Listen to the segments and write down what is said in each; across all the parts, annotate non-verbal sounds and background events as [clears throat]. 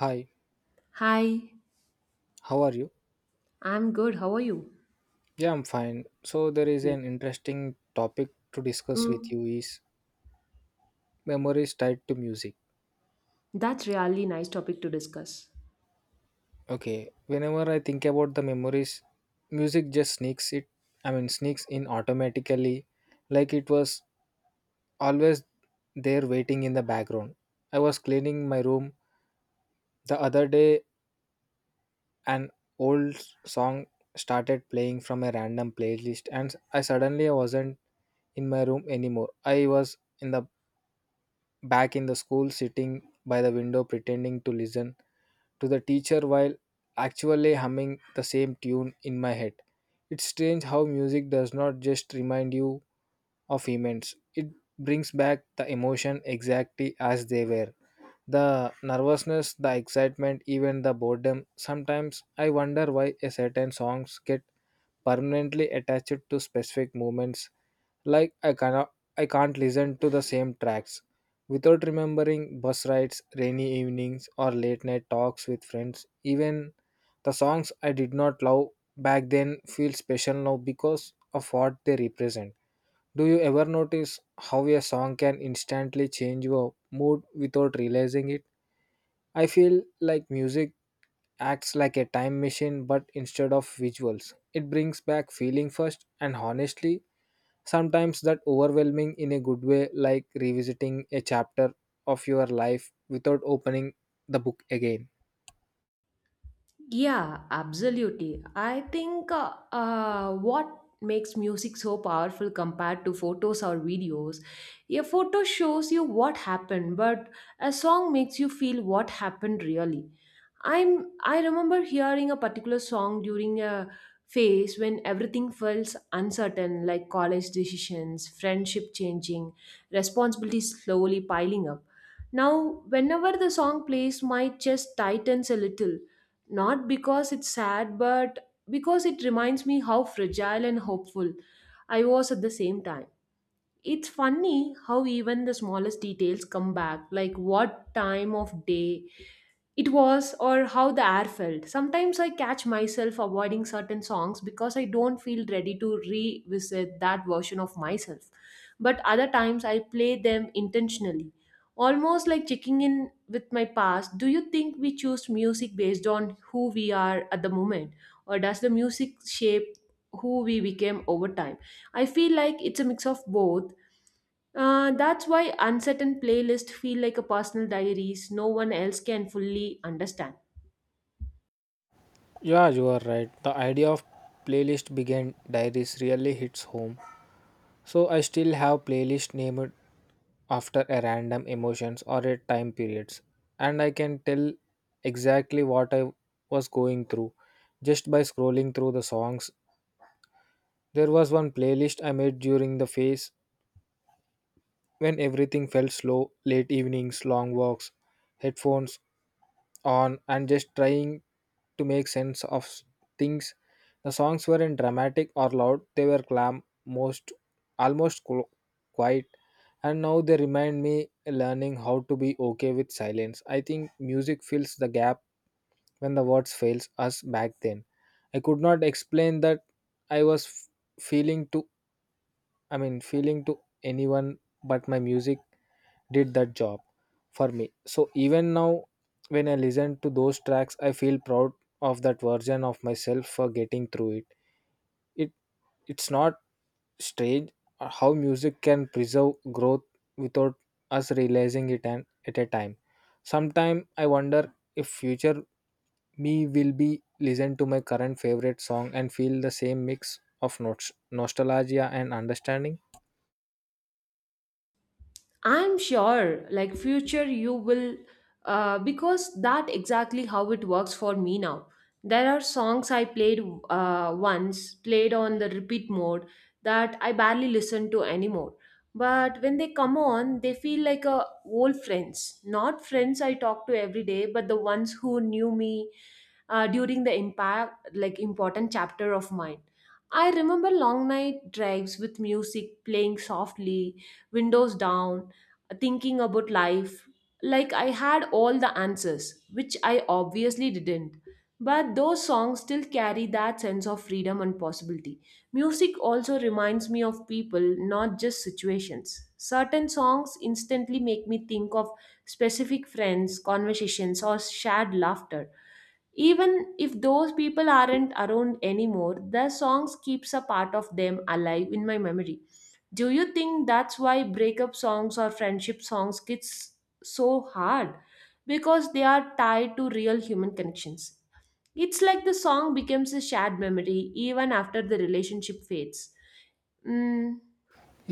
Hi, Hi, how are you? I'm good. How are you? Yeah, I'm fine. So there is Great. an interesting topic to discuss with Mm, you is memories tied to music. that's really nice topic to discuss. Okay, whenever I think about the memories, music just sneaks in automatically like it was always there waiting in the background. I was cleaning my room the other day an old song started playing from a random playlist and I suddenly wasn't in my room anymore. I was in the back in the school, sitting by the window pretending to listen to the teacher while actually humming the same tune in my head. It's strange how music does not just remind you of events, it brings back the emotion exactly as they were. The nervousness, the excitement, even the boredom. Sometimes I wonder why a certain songs get permanently attached to specific moments like I can't listen to the same tracks without remembering bus rides, rainy evenings or late night talks with friends. Even the songs I did not love back then feel special now because of what they represent. Do you ever notice how a song can instantly change your mood without realizing it? I feel like music acts like a time machine but instead of visuals. It brings back feeling first and honestly sometimes that overwhelming in a good way, like revisiting a chapter of your life without opening the book again. Yeah, absolutely. I think what makes music so powerful compared to photos or videos, a photo shows you what happened, but a song makes you feel what happened really. I remember hearing a particular song during a phase when everything felt uncertain, like college decisions, friendship changing, responsibilities slowly piling up. Now, whenever the song plays, my chest tightens a little not because it's sad, but because it reminds me how fragile and hopeful I was at the same time. It's funny how even the smallest details come back, like what time of day it was or how the air felt. Sometimes I catch myself avoiding certain songs because I don't feel ready to revisit that version of myself. But other times I play them intentionally, almost like checking in with my past. Do you think we choose music based on who we are at the moment, or does the music shape who we became over time? I feel like it's a mix of both, that's why uncertain playlists feel like a personal diaries no one else can fully understand. Yeah, you are right. The idea of playlist began diaries really hits home. So I still have playlist named after a random emotions or a time periods and I can tell exactly what I was going through just by scrolling through the songs. There was one playlist I made during the phase when everything felt slow, late evenings, long walks, headphones on, and just trying to make sense of things. The songs weren't dramatic or loud, they were calm, most almost qu- quiet, and now they remind me learning how to be okay with silence. I think music fills the gap when the words fails us back then. I could not explain that I was f- feeling to I mean feeling to anyone but my music did that job for me, so even now when I listen to those tracks I feel proud of that version of myself for getting through it. It it's not strange how music can preserve growth without us realizing it, and at a time sometime I wonder if future me will be listen to my current favorite song and feel the same mix of notes nostalgia and understanding. I'm sure, like future, you will, because that exactly how it works for me now. There are songs I played once, played on the repeat mode, that I barely listen to anymore. But when they come on, they feel like a old friends, not friends I talk to every day, but the ones who knew me during the impact, like important chapter of mine. I remember long night drives with music playing softly, windows down thinking about life like I had all the answers, which I obviously didn't. But those songs still carry that sense of freedom and possibility. Music also reminds me of people, not just situations. Certain songs instantly make me think of specific friends, conversations, or shared laughter. Even if those people aren't around anymore, their songs keeps a part of them alive in my memory. Do you think that's why breakup songs or friendship songs get so hard? Because they are tied to real human connections. It's like the song becomes a shared memory even after the relationship fades. Mm,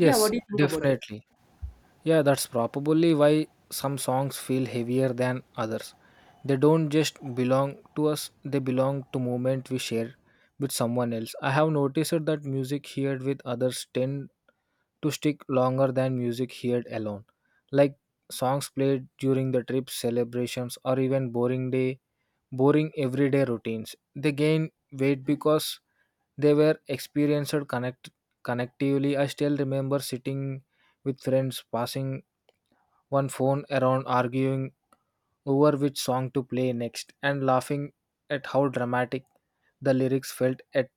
yeah, what do you think about it? definitely. Yeah, that's probably why some songs feel heavier than others. They don't just belong to us, they belong to moment we share with someone else. I have noticed that music heard with others tend to stick longer than music heard alone. Like songs played during the trips, celebrations, or even boring day, boring everyday routines. They gain weight because they were experienced connectively. I still remember sitting with friends, passing one phone around arguing over which song to play next and laughing at how dramatic the lyrics felt at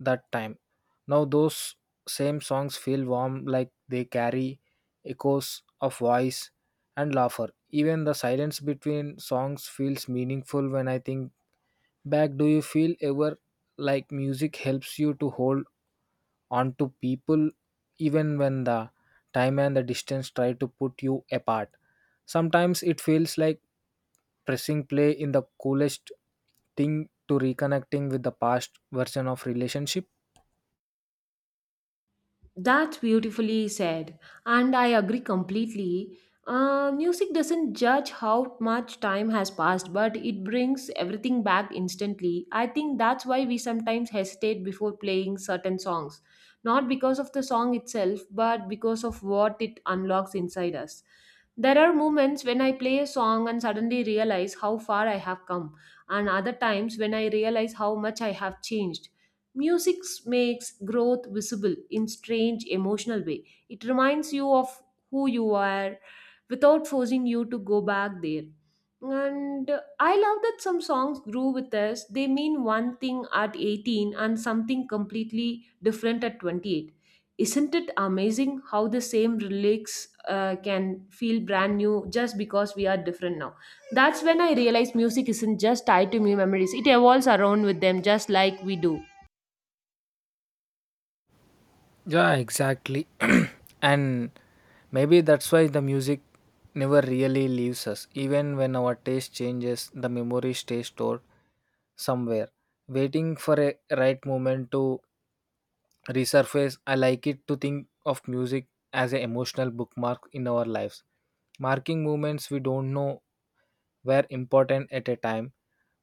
that time. Now, those same songs feel warm like they carry echoes of voice and laughter. Even the silence between songs feels meaningful when I think back. Do you feel ever like music helps you to hold on to people even when the time and the distance try to put you apart? Sometimes it feels like pressing play in the coolest thing to reconnecting with the past version of relationship. That's beautifully said, and I agree completely. Music doesn't judge how much time has passed, but it brings everything back instantly. I think that's why we sometimes hesitate before playing certain songs, not because of the song itself, but because of what it unlocks inside us. There are moments when I play a song and suddenly realize how far I have come, and other times when I realize how much I have changed. Music makes growth visible in strange emotional way. It reminds you of who you are without forcing you to go back there. And I love that some songs grew with us. They mean one thing at 18 and something completely different at 28. Isn't it amazing how the same lyrics can feel brand new just because we are different now? That's when I realized music isn't just tied to me memories. It evolves around with them just like we do. Yeah, exactly. [clears throat] And maybe that's why the music never really leaves us. Even when our taste changes, the memory stays stored somewhere, waiting for a right moment to resurface. I like it to think of music as an emotional bookmark in our lives, marking moments we don't know were important at a time.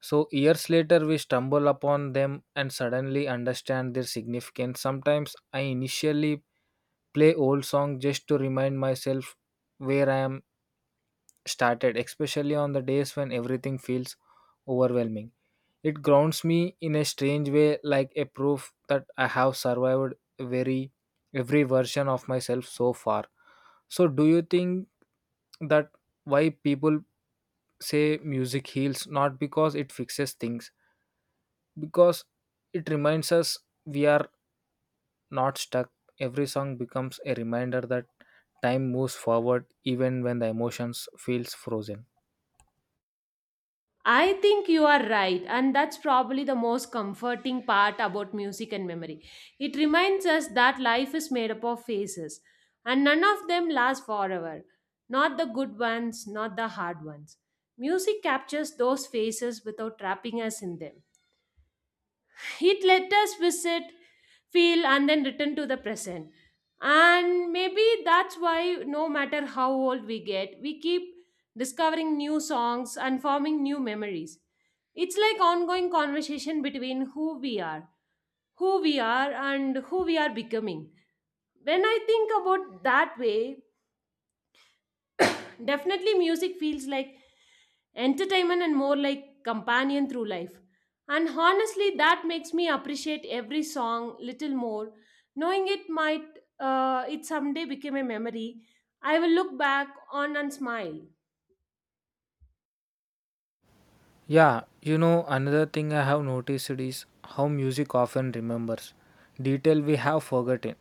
So, years later, we stumble upon them and suddenly understand their significance. Sometimes I initially play old songs just to remind myself where I am started, especially on the days when everything feels overwhelming. It grounds me in a strange way, like a proof that I have survived very every version of myself so far. So, do you think that why people say music heals not because it fixes things because it reminds us we are not stuck. Every song becomes a reminder that time moves forward even when the emotions feels frozen. I think you are right, and that's probably the most comforting part about music and memory. It reminds us that life is made up of phases, and none of them last forever. Not the good ones, not the hard ones. Music captures those phases without trapping us in them. It let us visit feel and then return to the present, and maybe that's why no matter how old we get we keep discovering new songs and forming new memories. It's like ongoing conversation between who we are and who we are becoming. When I think about that way, definitely, music feels like entertainment and more like companion through life. And honestly, that makes me appreciate every song little more, knowing it might, it someday become a memory I will look back on and smile. Yeah, you know, another thing I have noticed is how music often remembers detail we have forgotten.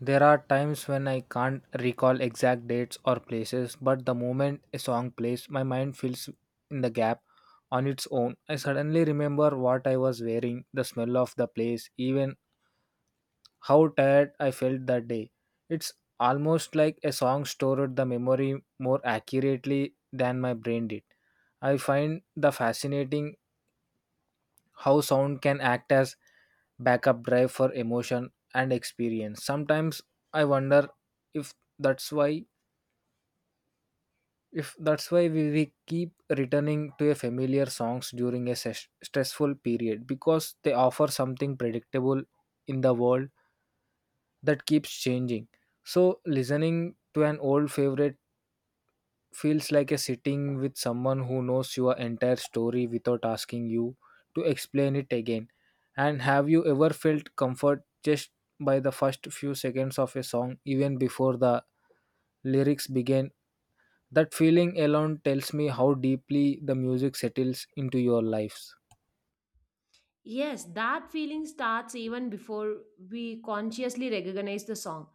There are times when I can't recall exact dates or places, but the moment a song plays, my mind fills in the gap on its own. I suddenly remember what I was wearing, the smell of the place, even how tired I felt that day. It's almost like a song stored the memory more accurately than my brain did. I find the fascinating how sound can act as backup drive for emotion and experience. Sometimes I wonder if that's why if that's why we keep returning to a familiar songs during a stressful period because they offer something predictable in the world that keeps changing. So listening to an old favorite feels like a sitting with someone who knows your entire story without asking you to explain it again. And have you ever felt comfort just by the first few seconds of a song, even before the lyrics begin? That feeling alone tells me how deeply the music settles into your lives. Yes, that feeling starts even before we consciously recognize the song.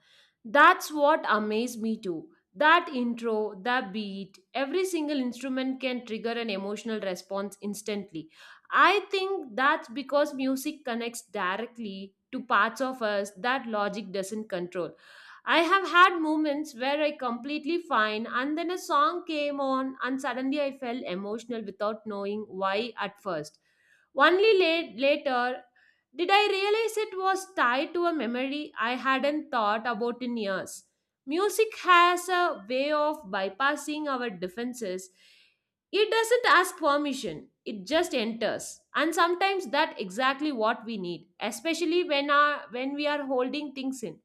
That's what amazed me too. That intro, the beat, every single instrument can trigger an emotional response instantly. I think that's because music connects directly to parts of us that logic doesn't control. I have had moments where I completely fine and then a song came on and suddenly I felt emotional without knowing why at first. Only late, later did I realize it was tied to a memory I hadn't thought about in years. Music has a way of bypassing our defenses. It doesn't ask permission, it just enters. And sometimes that's exactly what we need, especially when, our, when we are holding things in.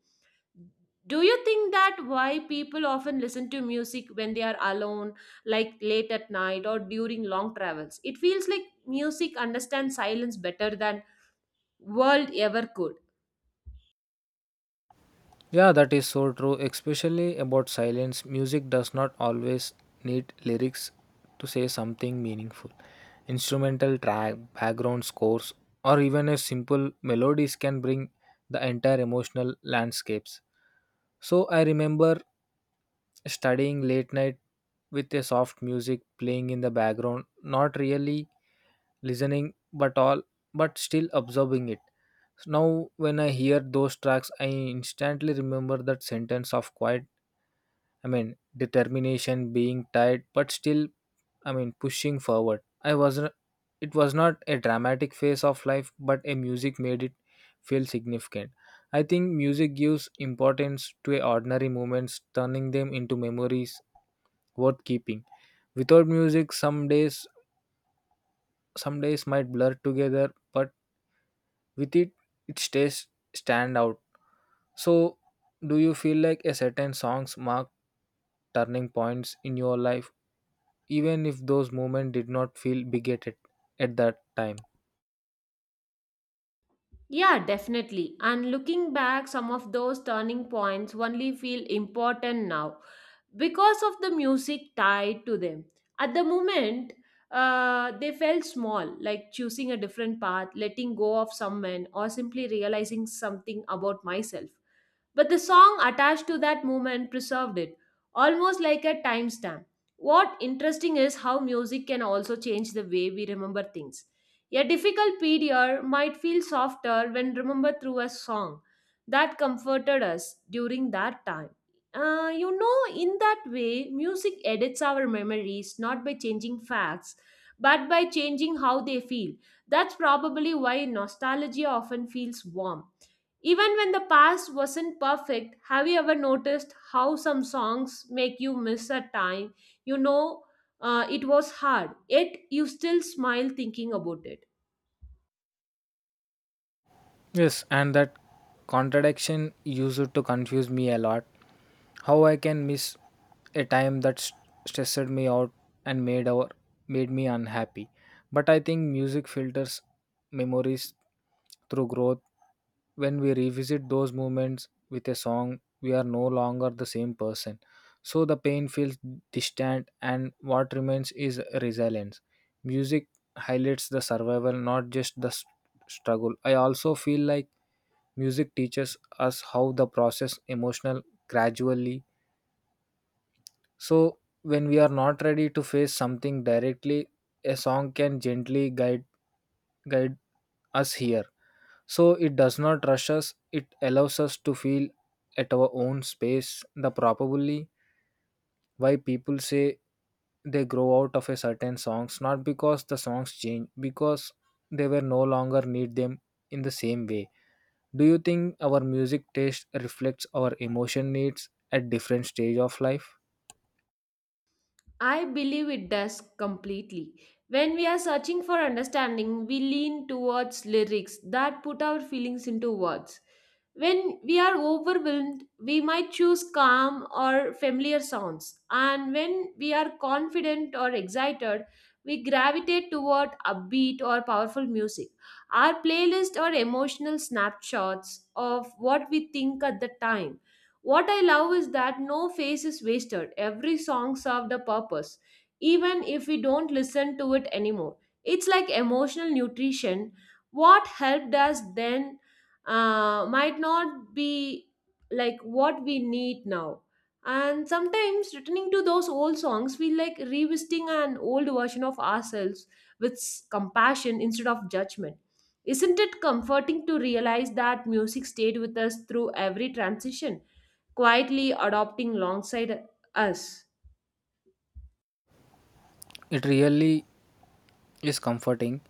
Do you think that why people often listen to music when they are alone, like late at night or during long travels? It feels like music understands silence better than world ever could. Yeah, that is so true, especially about silence. Music does not always need lyrics to say something meaningful. Instrumental track, background scores, or even a simple melodies can bring the entire emotional landscapes. So I remember studying late night with a soft music playing in the background, not really listening but all but still absorbing it. Now when I hear those tracks I instantly remember that sentence of quiet, determination, being tired, but still, pushing forward. I wasn't, it was not a dramatic phase of life, but a music made it feel significant. I think music gives importance to a ordinary moments, turning them into memories worth keeping. Without music, some days might blur together, but with it, it stays stand out. So, do you feel like a certain songs mark turning points in your life even if those moments did not feel bigoted at that time. Yeah, definitely. And looking back, some of those turning points only feel important now because of the music tied to them. At the moment, they felt small, like choosing a different path, letting go of someone, or simply realizing something about myself. But the song attached to that moment preserved it, almost like a timestamp. What interesting is how music can also change the way we remember things. A difficult period might feel softer when remembered through a song that comforted us during that time, you know, in that way, music edits our memories not by changing facts, but by changing how they feel. That's probably why nostalgia often feels warm. Even when the past wasn't perfect, have you ever noticed how some songs make you miss a time? You know, it was hard, yet you still smile thinking about it. Yes, and that contradiction used to confuse me a lot. How I can miss a time that stressed me out and made me unhappy. But I think music filters memories through growth. When we revisit those moments with a song, we are no longer the same person. So the pain feels distant, and what remains is resilience. Music highlights the survival, not just the struggle. I also feel like music teaches us how the process emotional gradually. So when we are not ready to face something directly, a song can gently guide us here. So it does not rush us, it allows us to feel at our own space. The probably why people say they grow out of a certain songs, not because the songs change, because they were no longer need them in the same way. Do you think our music taste reflects our emotion needs at different stage of life? I believe it does completely. When we are searching for understanding, we lean towards lyrics that put our feelings into words. When we are overwhelmed, we might choose calm or familiar sounds. And when we are confident or excited, we gravitate toward upbeat or powerful music. Our playlist are emotional snapshots of what we think at the time. What I love is that no phase is wasted. Every song served a purpose, even if we don't listen to it anymore. It's like emotional nutrition. What helped us then might not be like what we need now. And sometimes returning to those old songs feel like revisiting an old version of ourselves with compassion instead of judgment. Isn't it comforting to realize that music stayed with us through every transition, quietly adopting alongside us? It really is comforting.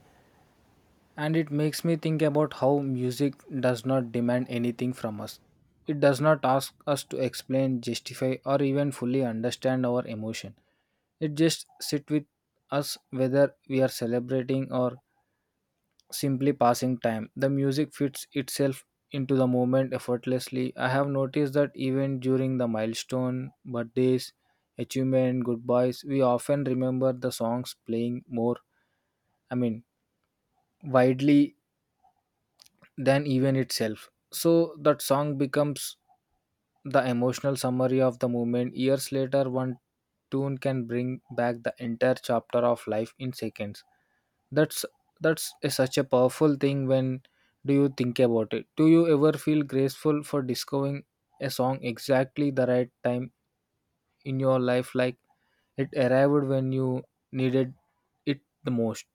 And it makes me think about how music does not demand anything from us. It does not ask us to explain, justify, or even fully understand our emotion. It just sits with us whether we are celebrating or simply passing time. The music fits itself into the moment effortlessly. I have noticed that even during the milestone, birthdays, achievement, goodbyes, we often remember the songs playing more, I mean, widely than even itself. So that song becomes the emotional summary of the moment. Years later, one tune can bring back the entire chapter of life in seconds. That's such a powerful thing. When do you think about it? Do you ever feel graceful for discovering a song exactly the right time in your life, like it arrived when you needed it the most?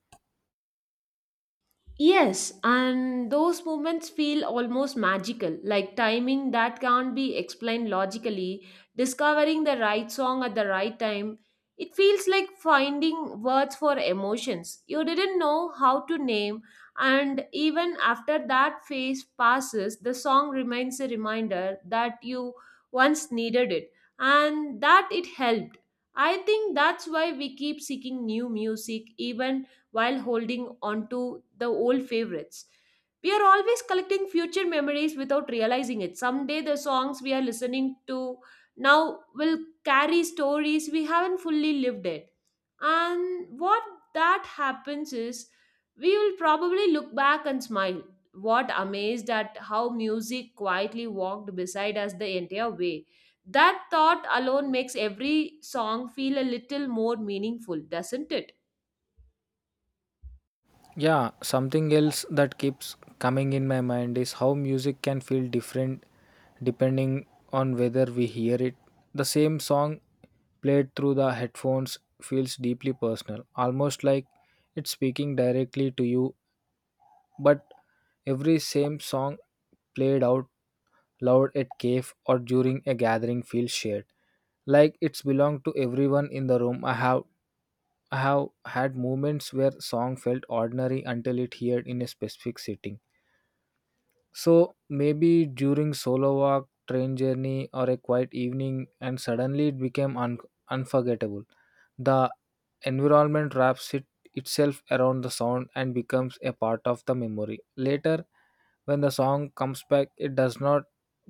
Yes, and those moments feel almost magical, like timing that can't be explained logically, discovering the right song at the right time. It feels like finding words for emotions you didn't know how to name, and even after that phase passes, the song remains a reminder that you once needed it and that it helped. I think that's why we keep seeking new music, even while holding onto the old favorites. We are always collecting future memories without realizing it. Someday, the songs we are listening to now will carry stories we haven't fully lived it. And what that happens is we will probably look back and smile. What amazed at how music quietly walked beside us the entire way. That thought alone makes every song feel a little more meaningful, doesn't it? Yeah, something else that keeps coming in my mind is how music can feel different depending on whether we hear it. The same song played through the headphones feels deeply personal, almost like it's speaking directly to you. But every same song played out loud at cave or during a gathering feels shared, like it's belonged to everyone in the room. I have had moments where song felt ordinary until it heard in a specific setting. So maybe during solo walk, train journey, or a quiet evening, and suddenly it became unforgettable. The environment wraps it itself around the sound and becomes a part of the memory. Later, when the song comes back, it does not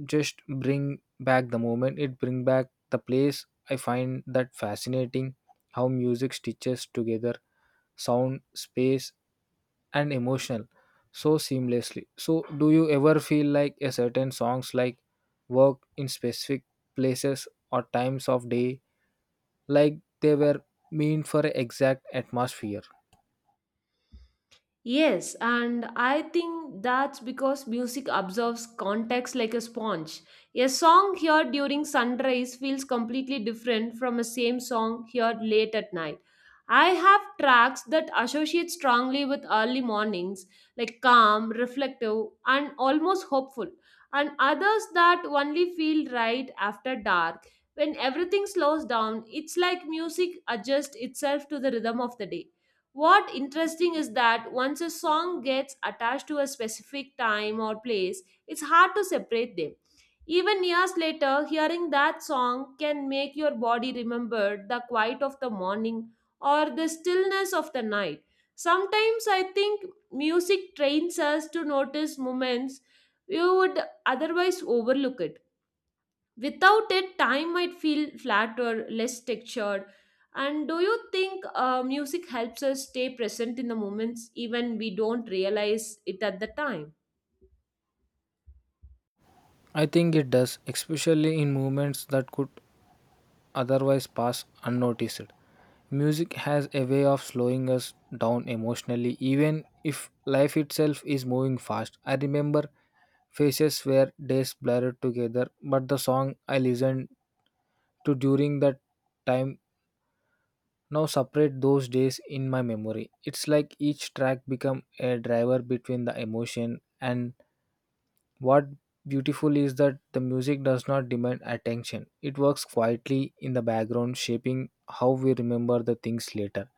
just bring back the moment; it brings back the place. I find that fascinating how music stitches together sound, space, and emotional so seamlessly. So, do you ever feel like a certain songs like work in specific places or times of day, like they were meant for exact atmosphere? Yes, and I think that's because music absorbs context like a sponge. A song heard during sunrise feels completely different from a same song heard late at night. I have tracks that associate strongly with early mornings, like calm, reflective, and almost hopeful, and others that only feel right after dark. When everything slows down, it's like music adjusts itself to the rhythm of the day. What interesting is that once a song gets attached to a specific time or place, it's hard to separate them. Even years later, hearing that song can make your body remember the quiet of the morning or the stillness of the night. Sometimes I think music trains us to notice moments you would otherwise overlook it. Without it, time might feel flat or less textured. And do you think, music helps us stay present in the moments even we don't realize it at the time? I think it does, especially in movements that could otherwise pass unnoticed. Music has a way of slowing us down emotionally, even if life itself is moving fast. I remember faces were days blurred together, but the song I listened to during that time now separate those days in my memory. It's like each track become a driver between the emotion and what beautiful is that the music does not demand attention. It works quietly in the background shaping how we remember the things later.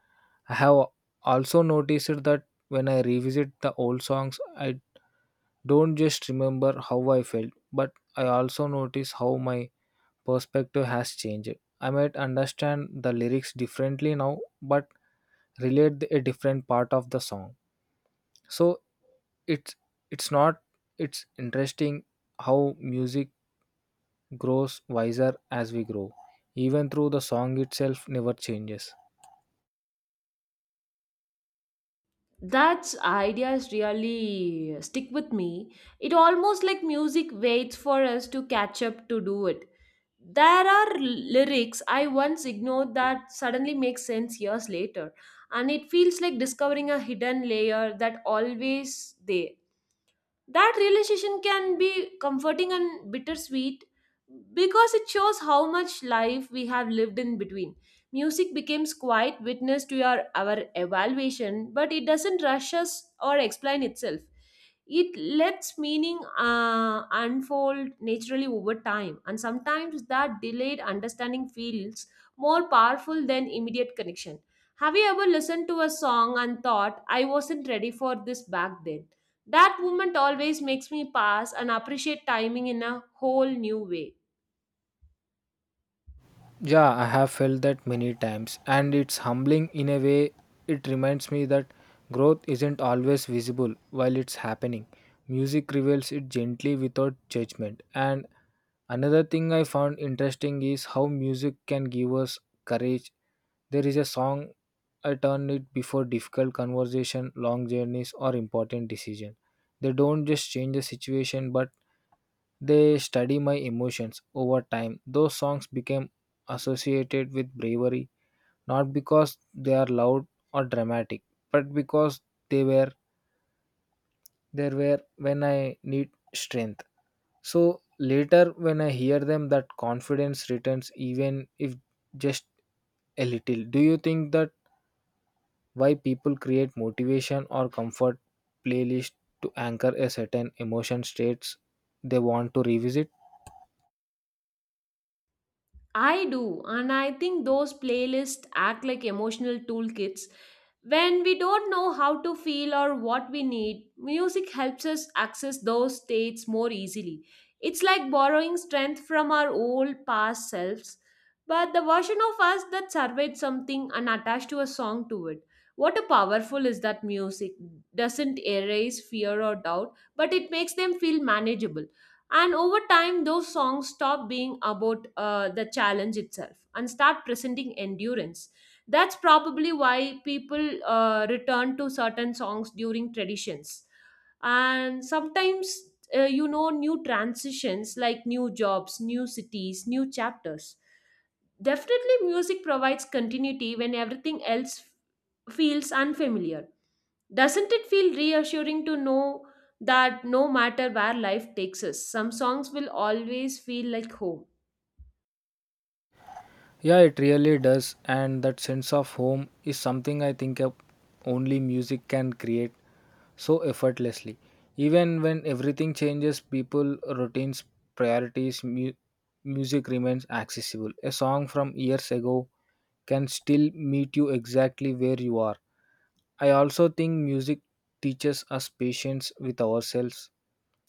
I have also noticed that when I revisit the old songs I don't just remember how I felt but I also notice how my perspective has changed. I might understand the lyrics differently now, but relate a different part of the song. So it's it's not it's interesting how music grows wiser as we grow, even though the song itself never changes. That ideas really stick with me. It almost like music waits for us to catch up to do it. There are lyrics I once ignored that suddenly make sense years later, and it feels like discovering a hidden layer that always there. That realization can be comforting and bittersweet because it shows how much life we have lived in between. Music becomes quiet witness to your our evaluation, but it doesn't rush us or explain itself. It lets meaning unfold naturally over time, and sometimes that delayed understanding feels more powerful than immediate connection. Have you ever listened to a song and thought, I wasn't ready for this back then? That movement always makes me pass and appreciate timing in a whole new way. Yeah, I have felt that many times, and it's humbling in a way. It reminds me that growth isn't always visible while it's happening. Music reveals it gently without judgment. And another thing I found interesting is how music can give us courage. There is a song I turn it before difficult conversation, long journeys, or important decision. They don't just change the situation, but they study my emotions over time. Those songs became associated with bravery, not because they are loud or dramatic, but because they were there were when I need strength. So later when I hear them that confidence returns even if just a little. Do you think that why people create motivation or comfort playlist to anchor a certain emotion states they want to revisit? I do, and I think those playlists act like emotional toolkits. When we don't know how to feel or what we need, music helps us access those states more easily. It's like borrowing strength from our old past selves, but the version of us that surveyed something and attached to a song to it. What a powerful is that music doesn't erase fear or doubt, but it makes them feel manageable. And over time, those songs stop being about, the challenge itself and start presenting endurance. That's probably why people return to certain songs during traditions. And sometimes, you know, new transitions like new jobs, new cities, new chapters. Definitely, music provides continuity when everything else feels unfamiliar. Doesn't it feel reassuring to know that no matter where life takes us, some songs will always feel like home? Yeah, it really does. And that sense of home is something I think of only music can create so effortlessly. Even when everything changes, people, routines, priorities, music remains accessible. A song from years ago can still meet you exactly where you are. I also think music teaches us patience with ourselves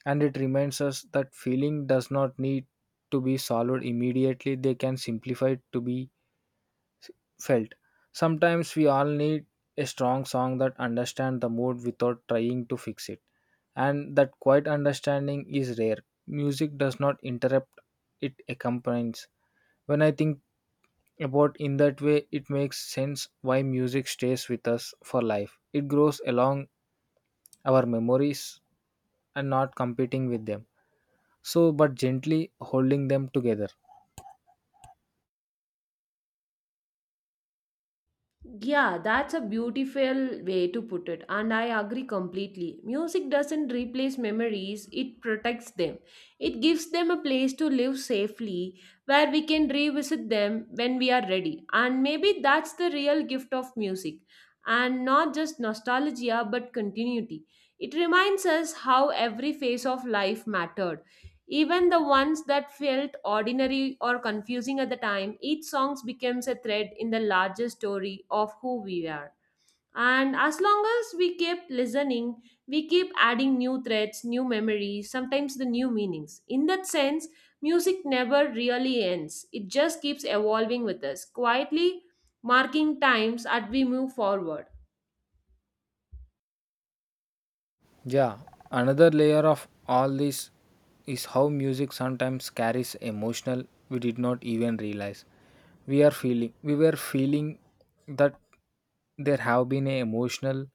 and it reminds us that feeling does not need to be solved immediately, they can simplify to be felt. Sometimes we all need a strong song that understands the mood without trying to fix it. And that quiet understanding is rare. Music does not interrupt, it accompanies. When I think about in that way, it makes sense why music stays with us for life. It grows along our memories and not competing with them. So, but gently holding them together. Yeah, that's a beautiful way to put it, and I agree completely. Music doesn't replace memories, it protects them. It gives them a place to live safely where we can revisit them when we are ready. And maybe that's the real gift of music, and not just nostalgia but continuity. It reminds us how every phase of life mattered, even the ones that felt ordinary or confusing at the time. Each song becomes a thread in the larger story of who we are. And as long as we keep listening, we keep adding new threads, new memories, sometimes the new meanings. In that sense, music never really ends. It just keeps evolving with us, quietly marking times as we move forward. Yeah, another layer of all this is how music sometimes carries emotional we did not even realize. We were feeling that there have been an emotional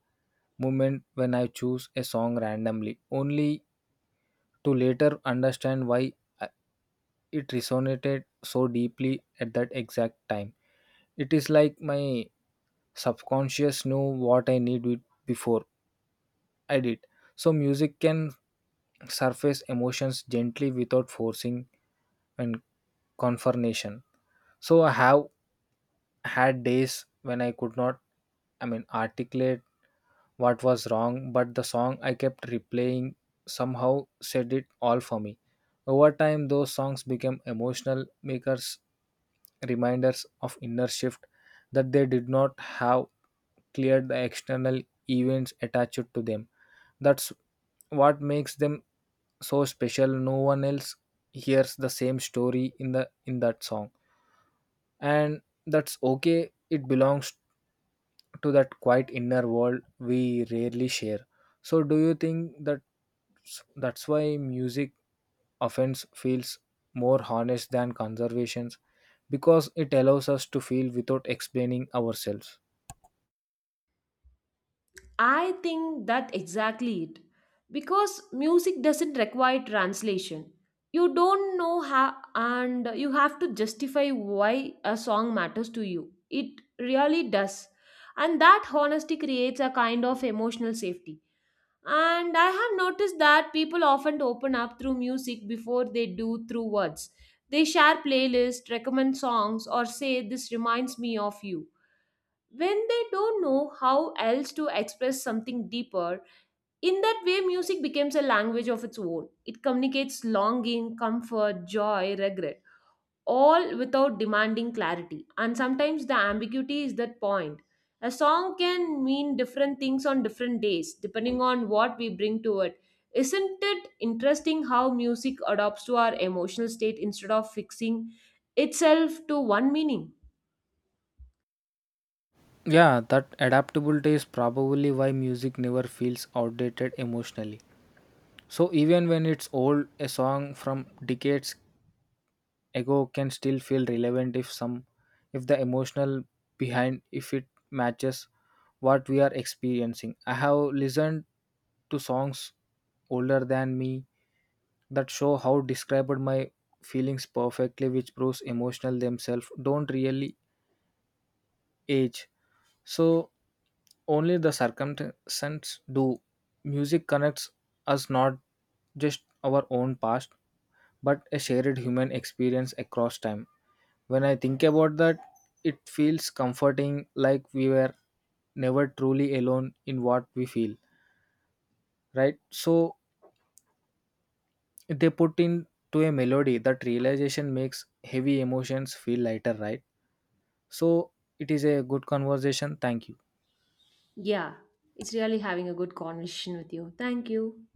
moment when I choose a song randomly, only to later understand why uh, it resonated so deeply at that exact time. It is like my subconscious knew what I needed before, edit. So music can surface emotions gently without forcing and confirmation. So I have had days when I could not articulate what was wrong, but the song I kept replaying somehow said it all for me. Over time those songs became emotional makers reminders of inner shift that they did not have cleared the external events attached to them. That's what makes them so special. No one else hears the same story in the in that song. And that's okay. It belongs to that quiet inner world we rarely share. So, do you think that that's why music offense feels more honest than conservations? Because it allows us to feel without explaining ourselves. I think that exactly it. Because music doesn't require translation. You don't know how, and you have to justify why a song matters to you. It really does. And that honesty creates a kind of emotional safety. And I have noticed that people often open up through music before they do through words. They share playlists, recommend songs, or say, this reminds me of you when they don't know how else to express something deeper. In that way, music becomes a language of its own. It communicates longing, comfort, joy, regret, all without demanding clarity. And sometimes the ambiguity is that point. A song can mean different things on different days, depending on what we bring to it. Isn't it interesting how music adapts to our emotional state instead of fixing itself to one meaning? Yeah, that adaptability is probably why music never feels outdated emotionally. So even when it's old, a song from decades Ego can still feel relevant if some if the emotional behind if it matches what we are experiencing. I have listened to songs older than me that show how described my feelings perfectly which proves emotional themselves don't really age. So only the circumstances do. Music connects us not just our own past but a shared human experience across time. When I think about that, it feels comforting, like we were never truly alone in what we feel, right? So they put into a melody that realization makes heavy emotions feel lighter, right? So it is a good conversation. Thank you. Yeah, it's really having a good conversation with you. Thank you.